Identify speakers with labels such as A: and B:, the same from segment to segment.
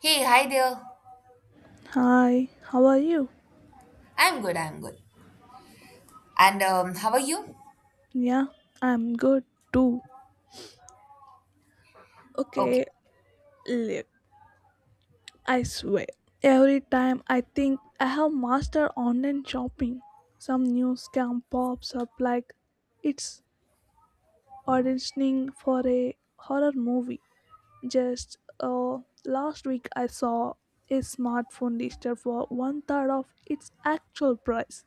A: Hey, hi there.
B: Hi, how are you?
A: I'm good. And how are you?
B: Yeah, I'm good too.
A: Okay.
B: Okay, look, I swear. Every time I think I have mastered online shopping, some new scam pops up like it's auditioning for a horror movie. Just last week I saw a smartphone listed for one third of its actual price,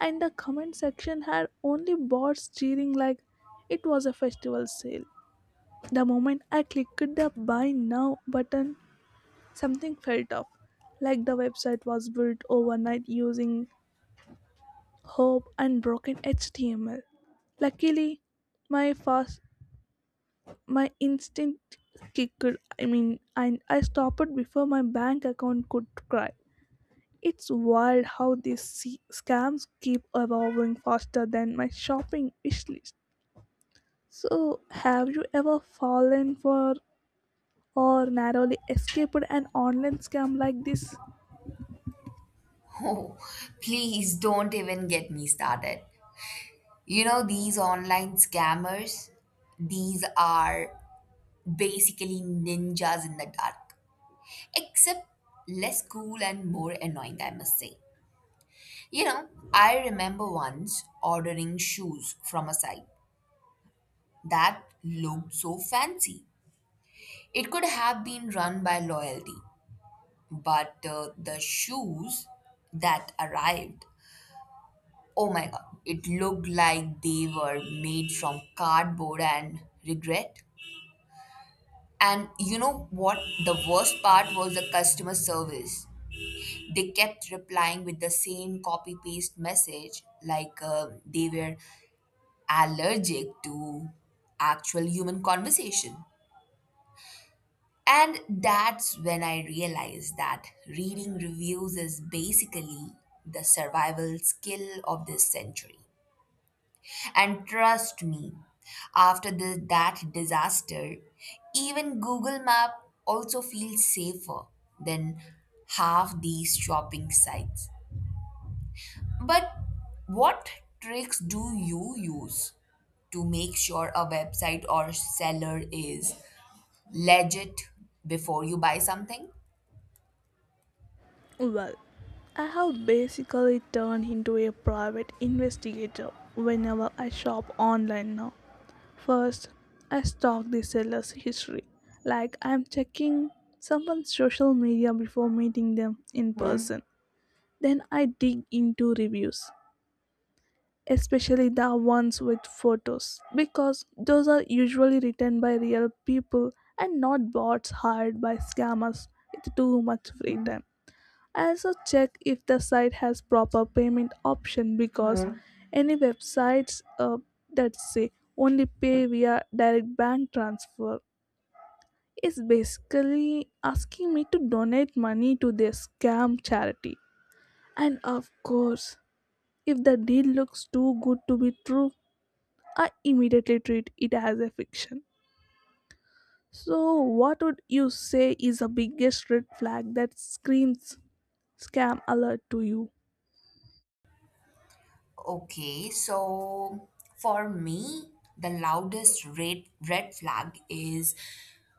B: and the comment section had only bots cheering like it was a festival sale. The moment I clicked the buy now button, something felt off, like the website was built overnight using hope and broken HTML. Luckily, my fast my instinct kicked I mean and I stopped before my bank account could cry. It's wild how these scams keep evolving faster than my shopping wish list. So, have you ever fallen for or narrowly escaped an online scam like this?
A: Oh, please don't even get me started. You know, these online scammers, these are basically ninjas in the dark, except less cool and more annoying, I must say. You know, I remember once ordering shoes from a site that looked so fancy. It could have been run by loyalty. But the shoes that arrived, oh my God, it looked like they were made from cardboard and regret. And you know what? The worst part was the customer service. They kept replying with the same copy paste message, like they were allergic to actual human conversation. And that's when I realized that reading reviews is basically the survival skill of this century. And trust me, after that disaster, even Google Map also feels safer than half these shopping sites. But what tricks do you use to make sure a website or seller is legit before you buy something?
B: Well, I have basically turned into a private investigator whenever I shop online now. First, I stalk the seller's history, like I'm checking someone's social media before meeting them in person. Then I dig into reviews, especially the ones with photos, because those are usually written by real people and not bots hired by scammers with too much free time. I also check if the site has proper payment option, because Mhm. Any websites that say only pay via direct bank transfer is basically asking me to donate money to their scam charity. And of course, if the deal looks too good to be true, I immediately treat it as a fiction. So, what would you say is the biggest red flag that screams scam alert to you?
A: Okay, so for me, the loudest red flag is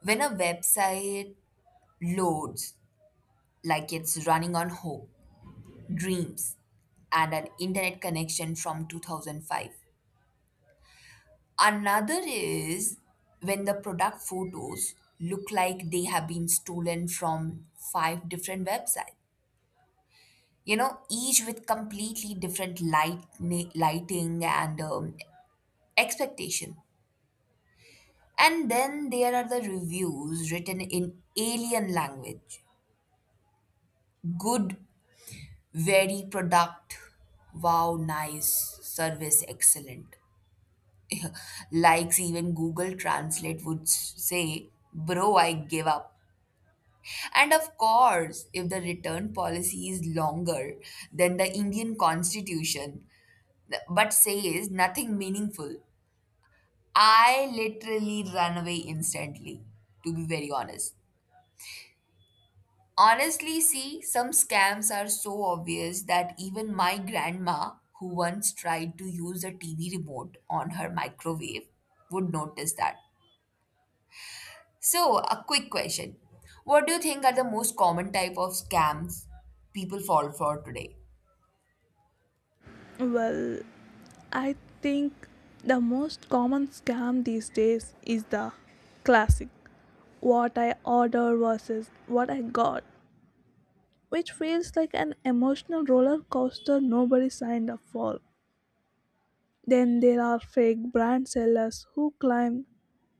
A: when a website loads like it's running on hope, dreams, and an internet connection from 2005. Another is when the product photos look like they have been stolen from five different websites. You know, each with completely different lighting and expectation. And then there are the reviews written in alien language. Good, very product, wow, nice, service excellent. Likes even Google Translate would say, bro, I give up. And of course, if the return policy is longer than the Indian constitution, but says nothing meaningful, I literally run away instantly, to be very honest. Honestly, see, some scams are so obvious that even my grandma, who once tried to use a TV remote on her microwave, would notice that. So, a quick question. What do you think are the most common type of scams people fall for today?
B: Well, I think the most common scam these days is the classic what I order versus what I got, which feels like an emotional roller coaster nobody signed up for. Then there are fake brand sellers who claim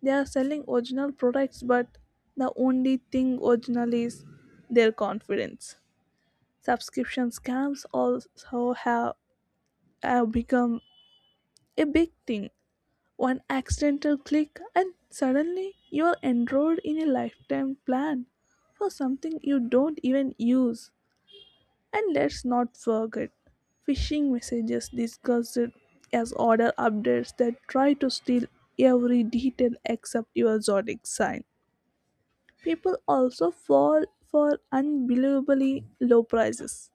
B: they are selling original products, but the only thing original is their confidence. Subscription scams also have, become a big thing. One accidental click, and suddenly you are enrolled in a lifetime plan for something you don't even use. And let's not forget phishing messages disguised as order updates that try to steal every detail except your zodiac sign. People also fall for unbelievably low prices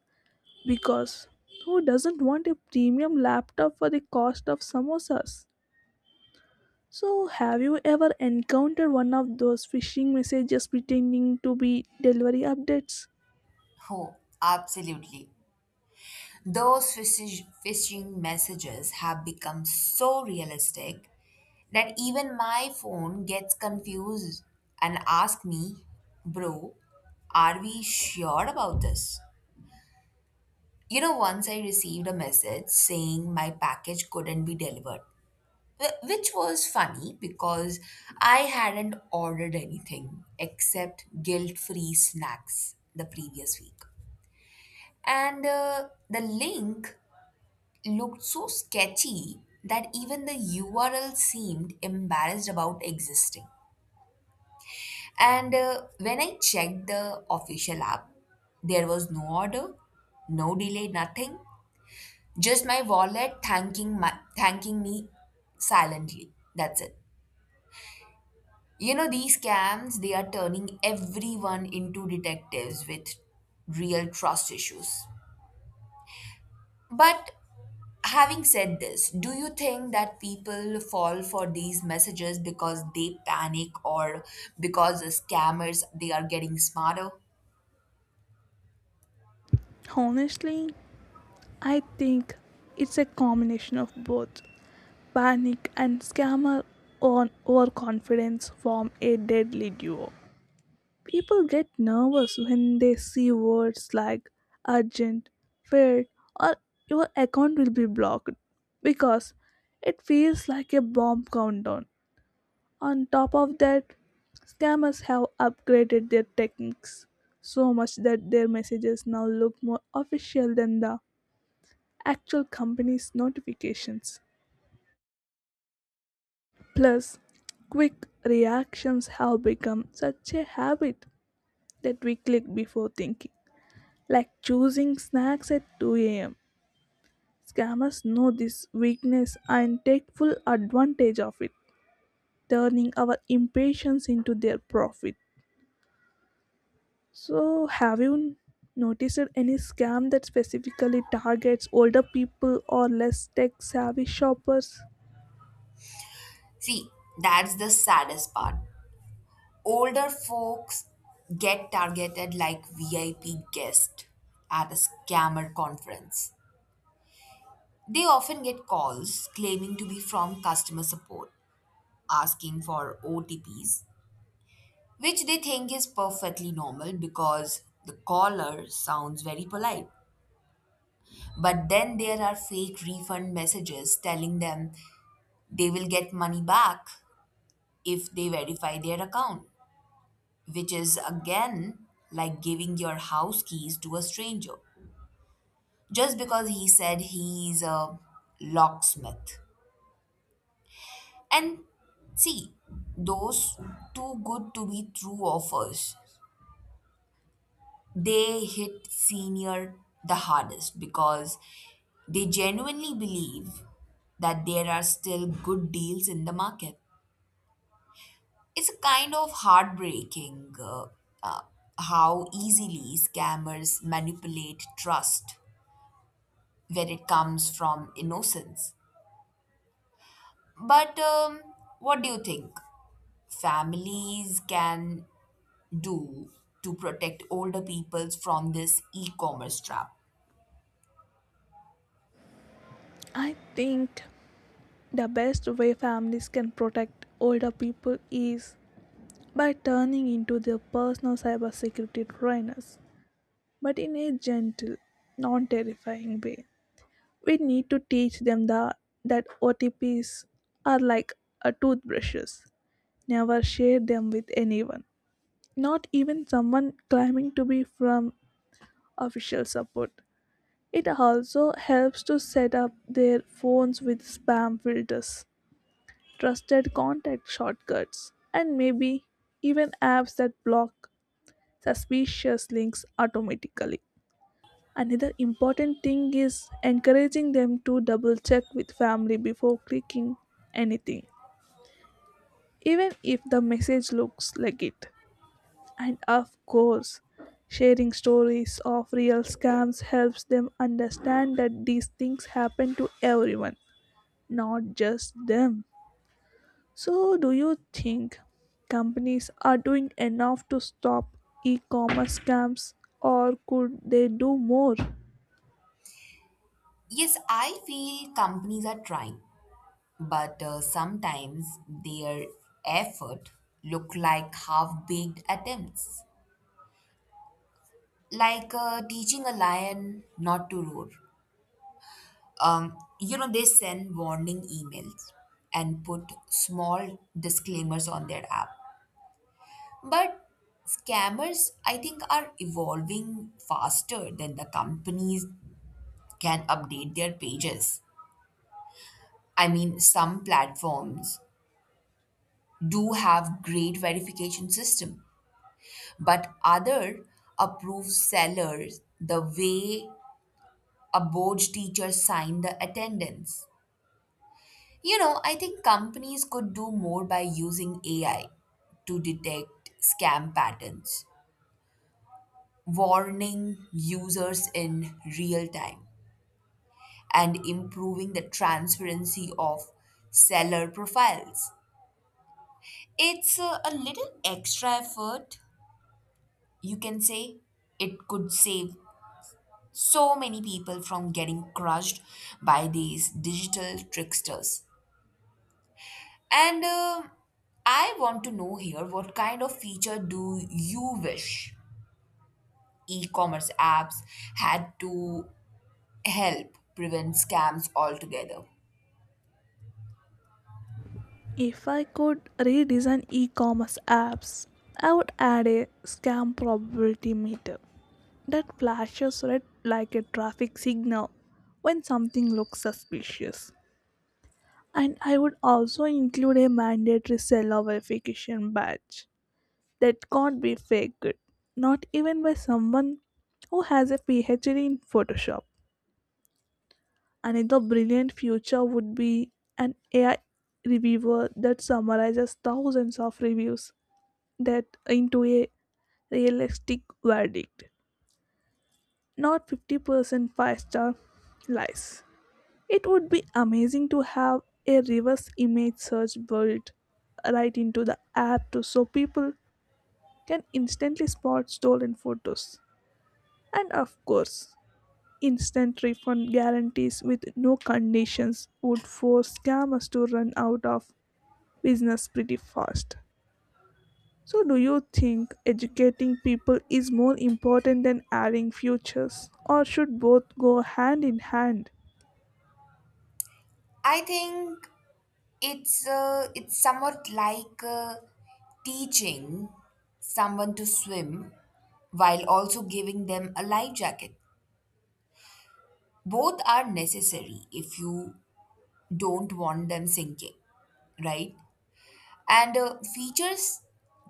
B: because who doesn't want a premium laptop for the cost of samosas? So, have you ever encountered one of those phishing messages pretending to be delivery updates?
A: Oh, absolutely. Those phishing messages have become so realistic that even my phone gets confused and asks me, bro, are we sure about this? You know, once I received a message saying my package couldn't be delivered, which was funny because I hadn't ordered anything except guilt free snacks the previous week. And the link looked so sketchy that even the URL seemed embarrassed about existing. And when I checked the official app, there was no order, no delay, nothing. Just my wallet thanking me silently. That's it. You know these scams, they are turning everyone into detectives with real trust issues. But having said this, do you think that people fall for these messages because they panic or because the scammers they are getting smarter?
B: Honestly, I think it's a combination of both. Panic and scammer on overconfidence form a deadly duo. People get nervous when they see words like urgent, failed, or your account will be blocked, because it feels like a bomb countdown. On top of that, scammers have upgraded their techniques so much that their messages now look more official than the actual companies' notifications. Plus, quick reactions have become such a habit that we click before thinking, like choosing snacks at 2 a.m. Scammers know this weakness and take full advantage of it, turning our impatience into their profit. So, have you noticed any scam that specifically targets older people or less tech savvy shoppers?
A: See, that's the saddest part. Older folks get targeted like VIP guests at a scammer conference. They often get calls claiming to be from customer support, asking for OTPs, which they think is perfectly normal because the caller sounds very polite. But then there are fake refund messages telling them they will get money back if they verify their account, which is again like giving your house keys to a stranger just because he said he's a locksmith. And see, those too good to be true offers, they hit senior the hardest because they genuinely believe that there are still good deals in the market. It's a kind of heartbreaking uh, how easily scammers manipulate trust where it comes from innocence. But what do you think families can do to protect older peoples from this e commerce trap?
B: I think the best way families can protect older people is by turning into their personal cybersecurity trainers, but in a gentle, non terrifying way. We need to teach them that OTPs are like a toothbrushes. Never share them with anyone, not even someone claiming to be from official support. It also helps to set up their phones with spam filters, trusted contact shortcuts, and maybe even apps that block suspicious links automatically. Another important thing is encouraging them to double check with family before clicking anything, even if the message looks legit. And of course, sharing stories of real scams helps them understand that these things happen to everyone, not just them. So, do you think companies are doing enough to stop e commerce scams, or could they do more?
A: Yes, I feel companies are trying, but sometimes their effort look like half-baked attempts, like teaching a lion not to roar. You know, they send warning emails and put small disclaimers on their app. But scammers, I think, are evolving faster than the companies can update their pages. I mean, some platforms do have great verification system, but other approve sellers the way a board teacher signed the attendance. You know, I think companies could do more by using AI to detect scam patterns, warning users in real time and improving the transparency of seller profiles. It's a little extra effort, you can say. It could save so many people from getting crushed by these digital tricksters. And I want to know here what kind of feature do you wish e commerce apps had to help prevent scams altogether?
B: If I could redesign e commerce apps, I would add a scam probability meter that flashes red like a traffic signal when something looks suspicious. And I would also include a mandatory seller verification badge that can't be faked, not even by someone who has a PhD in Photoshop. Another brilliant future would be an AI reviewer that summarizes thousands of reviews that into a realistic verdict, not 50% five-star lies. It would be amazing to have a reverse image search built right into the app too, so people can instantly spot stolen photos. And of course, instant refund guarantees with no conditions would force scammers to run out of business pretty fast. So, do you think educating people is more important than adding futures, or should both go hand in hand?
A: I think it's somewhat like teaching someone to swim while also giving them a life jacket. Both are necessary if you don't want them sinking, right? And features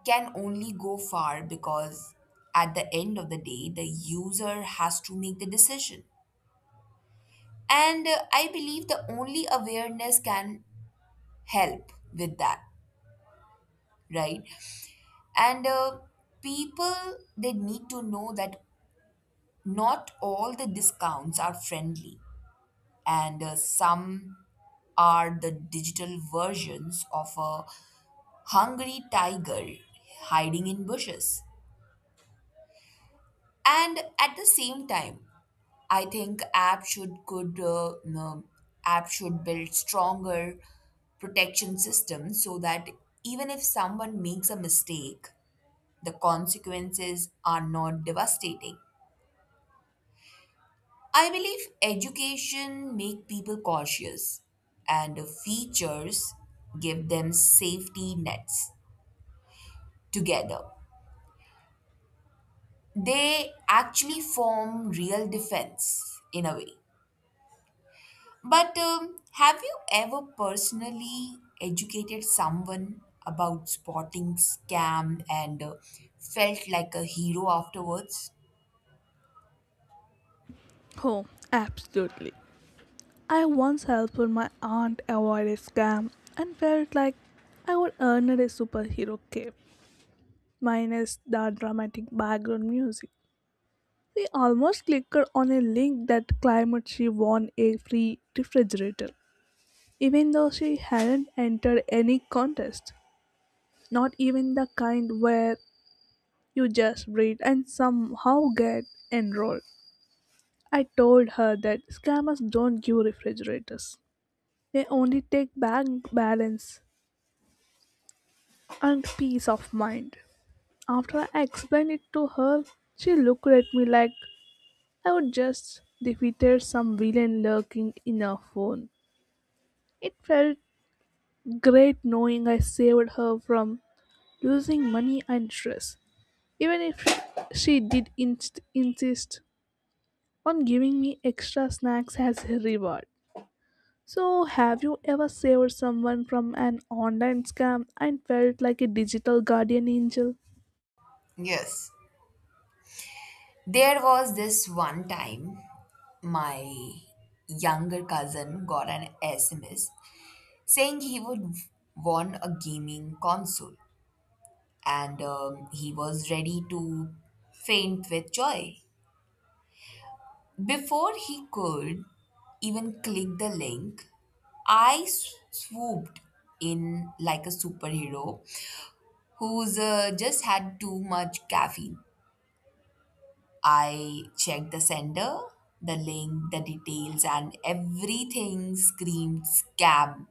A: can only go far because at the end of the day, the user has to make the decision. And I believe the only awareness can help with that, right? And people, they need to know that not all the discounts are friendly, and some are the digital versions of a hungry tiger hiding in bushes. And at the same time, I think app should could no, app should build stronger protection systems so that even if someone makes a mistake, the consequences are not devastating. I believe education make people cautious and features give them safety nets together. They actually form real defense in a way. But have you ever personally educated someone about spotting scam and felt like a hero afterwards?
B: Oh, absolutely. I once helped my aunt avoid a scam and felt like I would earn her a superhero cape, minus the dramatic background music. They almost clicked on a link that claimed she won a free refrigerator, even though she hadn't entered any contest. Not even the kind where you just read and somehow get enrolled. I told her that scammers don't give refrigerators. They only take bank balance and peace of mind. After I explained it to her, she looked at me like I would just defeated some villain lurking in her phone. It felt great knowing I saved her from losing money and stress, even if she did insist on giving me extra snacks as a reward. So, have you ever saved someone from an online scam and felt like a digital guardian angel?
A: Yes, there was this one time my younger cousin got an SMS saying he would won a gaming console and he was ready to faint with joy. Before he could even click the link, I swooped in like a superhero who's just had too much caffeine. I checked the sender, the link, the details, and everything screamed scam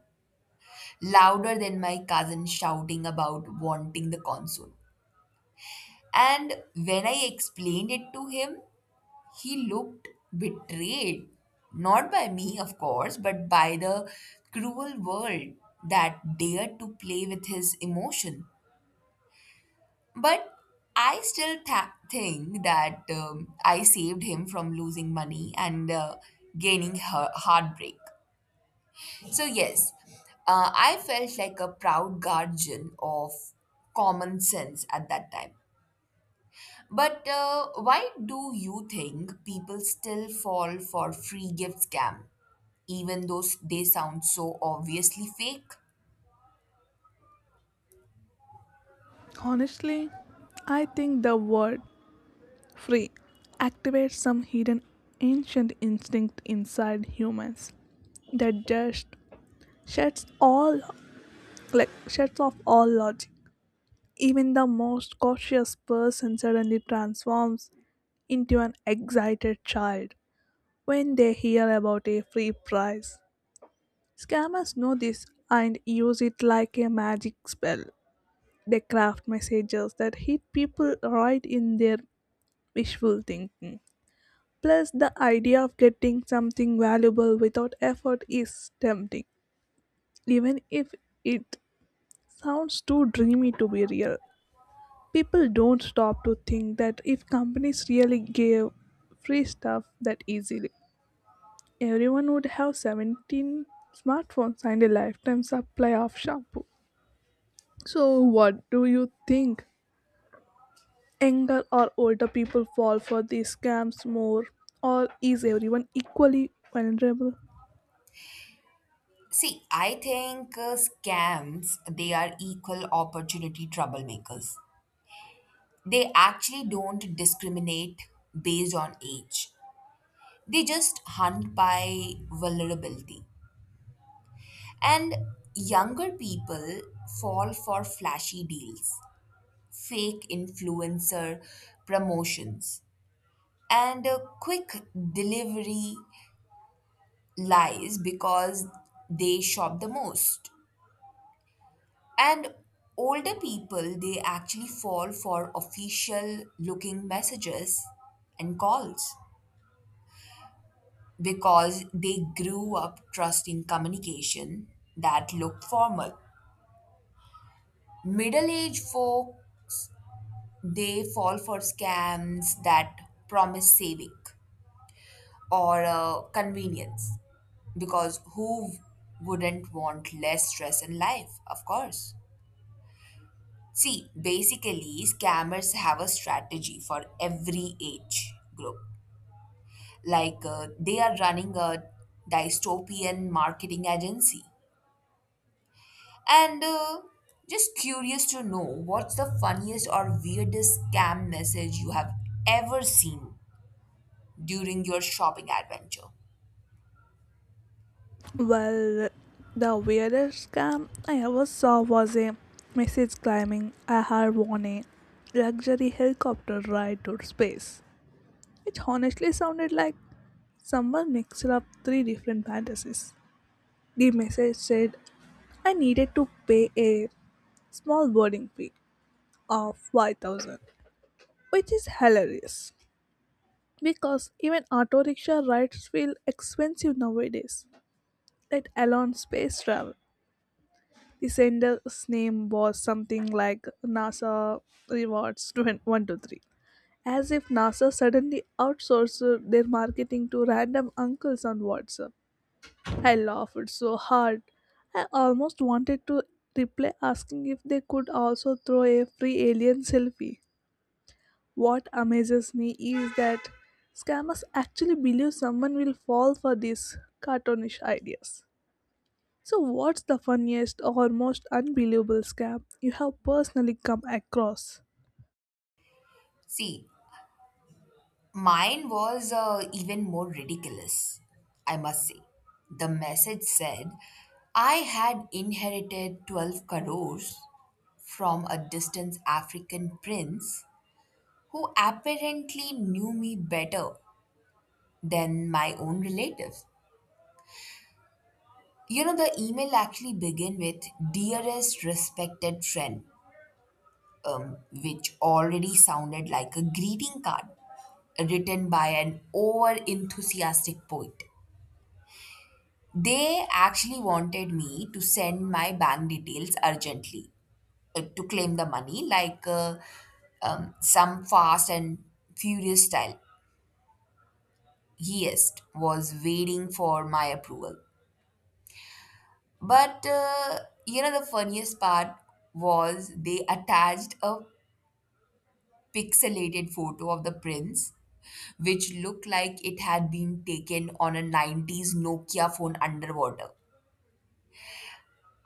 A: louder than my cousin shouting about wanting the console. And when I explained it to him, he looked betrayed. Not by me, of course, but by the cruel world that dared to play with his emotion. But I still tha think that I saved him from losing money and gaining her heartbreak. So, yes, I felt like a proud guardian of common sense at that time. But why do you think people still fall for free gift scam, even though they sound so obviously fake?
B: Honestly, I think the word free activates some hidden ancient instinct inside humans that just shuts all shuts off all logic. Even the most cautious person suddenly transforms into an excited child when they hear about a free prize. Scammers know this and use it like a magic spell. They craft messages that hit people right in their wishful thinking. Plus, the idea of getting something valuable without effort is tempting, even if it sounds too dreamy to be real. People don't stop to think that if companies really gave free stuff that easily, everyone would have 17 smartphones and a lifetime supply of shampoo. So, what do you think? Younger or older people fall for these scams more, or is everyone equally vulnerable?
A: See, I think scams, they are equal opportunity troublemakers. They actually don't discriminate based on age. They just hunt by vulnerability. And younger people fall for flashy deals, fake influencer promotions, and quick delivery lies because they shop the most. And older people, they actually fall for official looking messages and calls, because they grew up trusting communication that looked formal. Middle aged folk, they fall for scams that promise saving or convenience because who wouldn't want less stress in life, of course. See, basically, scammers have a strategy for every age group. Like they are running a dystopian marketing agency. And just curious to know what's the funniest or weirdest scam message you have ever seen during your shopping adventure?
B: Well, the weirdest scam I ever saw was a message claiming I had won a luxury helicopter ride to space, which honestly sounded like someone mixed up three different fantasies. The message said I needed to pay a small boarding fee of 5,000, which is hilarious because even auto rickshaw rides feel expensive nowadays, let alone space travel. The sender's name was something like NASA Rewards 123, as if NASA suddenly outsourced their marketing to random uncles on WhatsApp. I laughed so hard. I almost wanted to reply asking if they could also throw a free alien selfie. What amazes me is that scammers actually believe someone will fall for these cartoonish ideas. So, what's the funniest or most unbelievable scam you have personally come across?
A: See, mine was even more ridiculous, I must say. The message said, I had inherited 12 crores from a distant African prince who apparently knew me better than my own relatives. You know, the email actually began with Dearest Respected Friend, which already sounded like a greeting card written by an over enthusiastic poet. They actually wanted me to send my bank details urgently to claim the money, like some fast and furious style. Yes, was waiting for my approval. But you know, the funniest part was they attached a pixelated photo of the prince, which looked like it had been taken on a 90s Nokia phone underwater.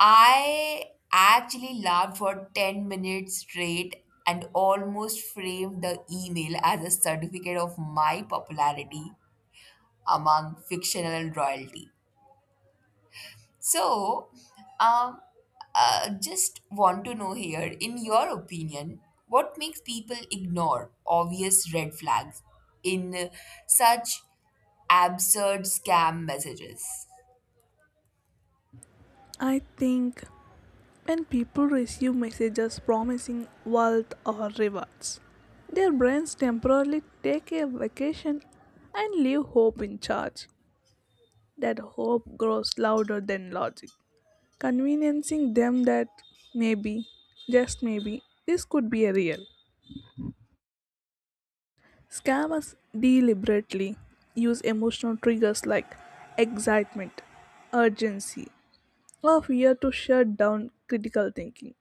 A: I actually laughed for 10 minutes straight and almost framed the email as a certificate of my popularity among fictional royalty. So, um, just want to know here, in your opinion, what makes people ignore obvious red flags in such absurd scam messages?
B: I think when people receive messages promising wealth or rewards, their brains temporarily take a vacation and leave hope in charge. That hope grows louder than logic, conveniencing them that maybe, just maybe, this could be a real. Scammers deliberately use emotional triggers like excitement, urgency, or fear to shut down critical thinking.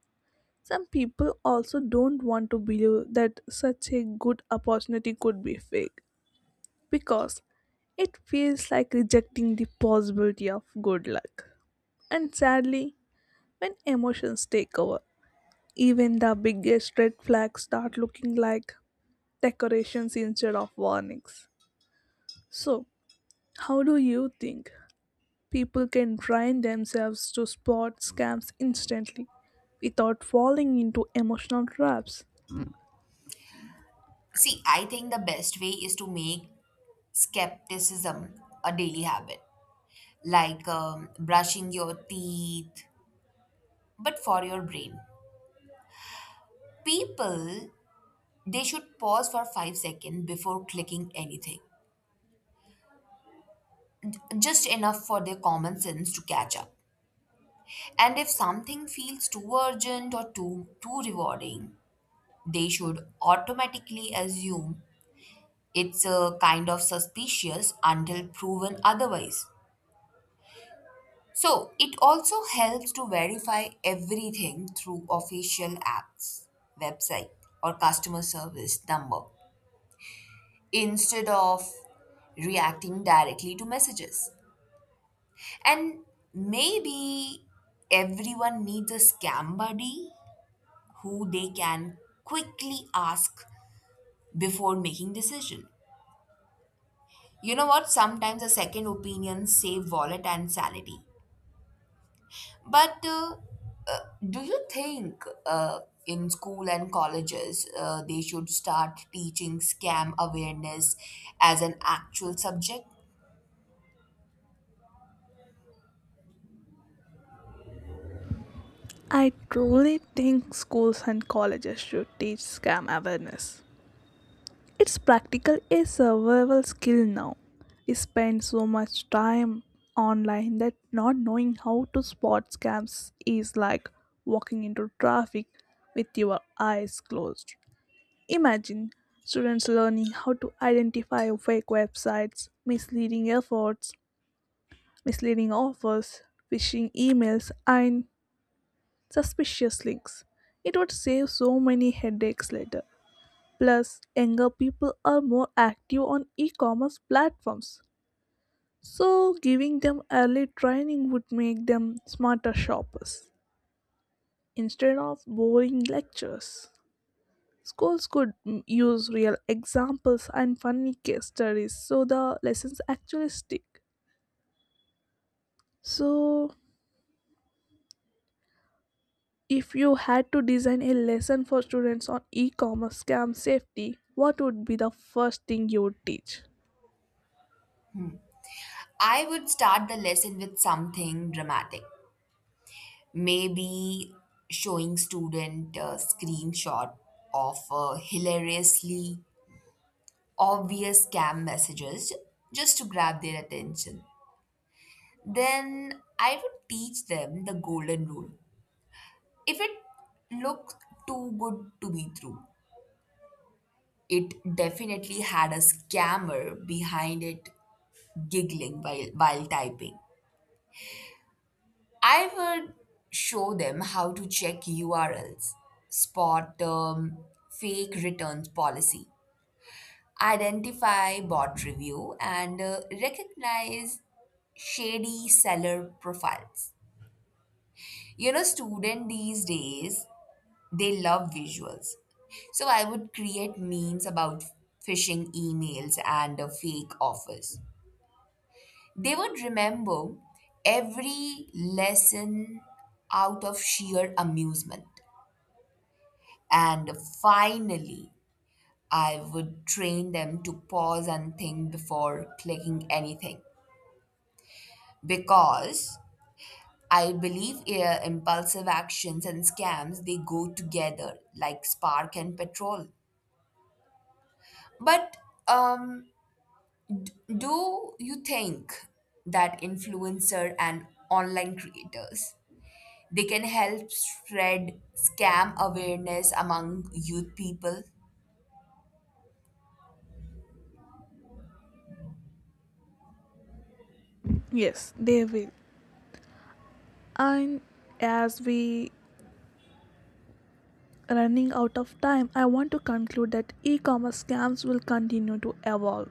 B: Some people also don't want to believe that such a good opportunity could be fake because it feels like rejecting the possibility of good luck. And sadly, when emotions take over, even the biggest red flags start looking like decorations instead of warnings. So, how do you think people can train themselves to spot scams instantly without falling into emotional traps?
A: See, I think the best way is to make skepticism a daily habit, like brushing your teeth, but for your brain. People, they should pause for 5 seconds before clicking anything just enough for their common sense to catch up. And if something feels too urgent or too rewarding, they should automatically assume it's a kind of suspicious until proven otherwise. So it also helps to verify everything through official apps, website, or customer service number instead of reacting directly to messages. And maybe everyone needs a scam buddy who they can quickly ask before making decision. You know what? Sometimes a second opinion save wallet and sanity. But uh, do you think in school and colleges they should start teaching scam awareness as an actual subject?
B: I truly think schools and colleges should teach scam awareness. It's practical a survival skill now. We spend so much time online that not knowing how to spot scams is like walking into traffic with your eyes closed. Imagine students learning how to identify fake websites, misleading offers, phishing emails, and suspicious links. It would save so many headaches later. Plus, younger people are more active on e commerce platforms. So, giving them early training would make them smarter shoppers instead of boring lectures. Schools could use real examples and funny case studies so the lessons actually stick. So, if you had to design a lesson for students on e commerce scam safety, what would be the first thing you would teach?
A: I would start the lesson with something dramatic, maybe showing student a screenshot of hilariously obvious scam messages just to grab their attention. Then I would teach them the golden rule: if it looked too good to be true, it definitely had a scammer behind it, giggling while typing. I would show them how to check URLs, spot fake returns policy, identify bot review, and recognize shady seller profiles. You know, student these days, they love visuals. So I would create memes about phishing emails and fake offers. They would remember every lesson out of sheer amusement. And finally, I would train them to pause and think before clicking anything because I believe impulsive actions and scams they go together like spark and petrol. But um, do you think that influencer and online creators they can help spread scam awareness among youth people?
B: Yes, they will. And as we running out of time, I want to conclude that e-commerce scams will continue to evolve.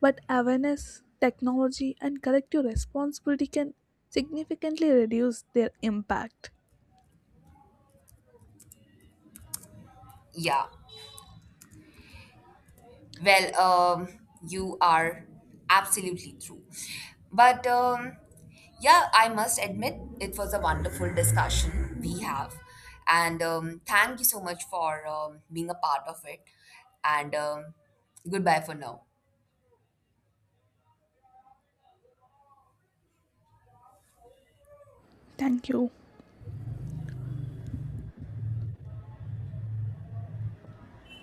B: But awareness, technology and collective responsibility can significantly reduce their impact.
A: Yeah, well, you are absolutely true. But yeah, I must admit it was a wonderful discussion we have. And thank you so much for being a part of it. And goodbye for now.
B: Thank you.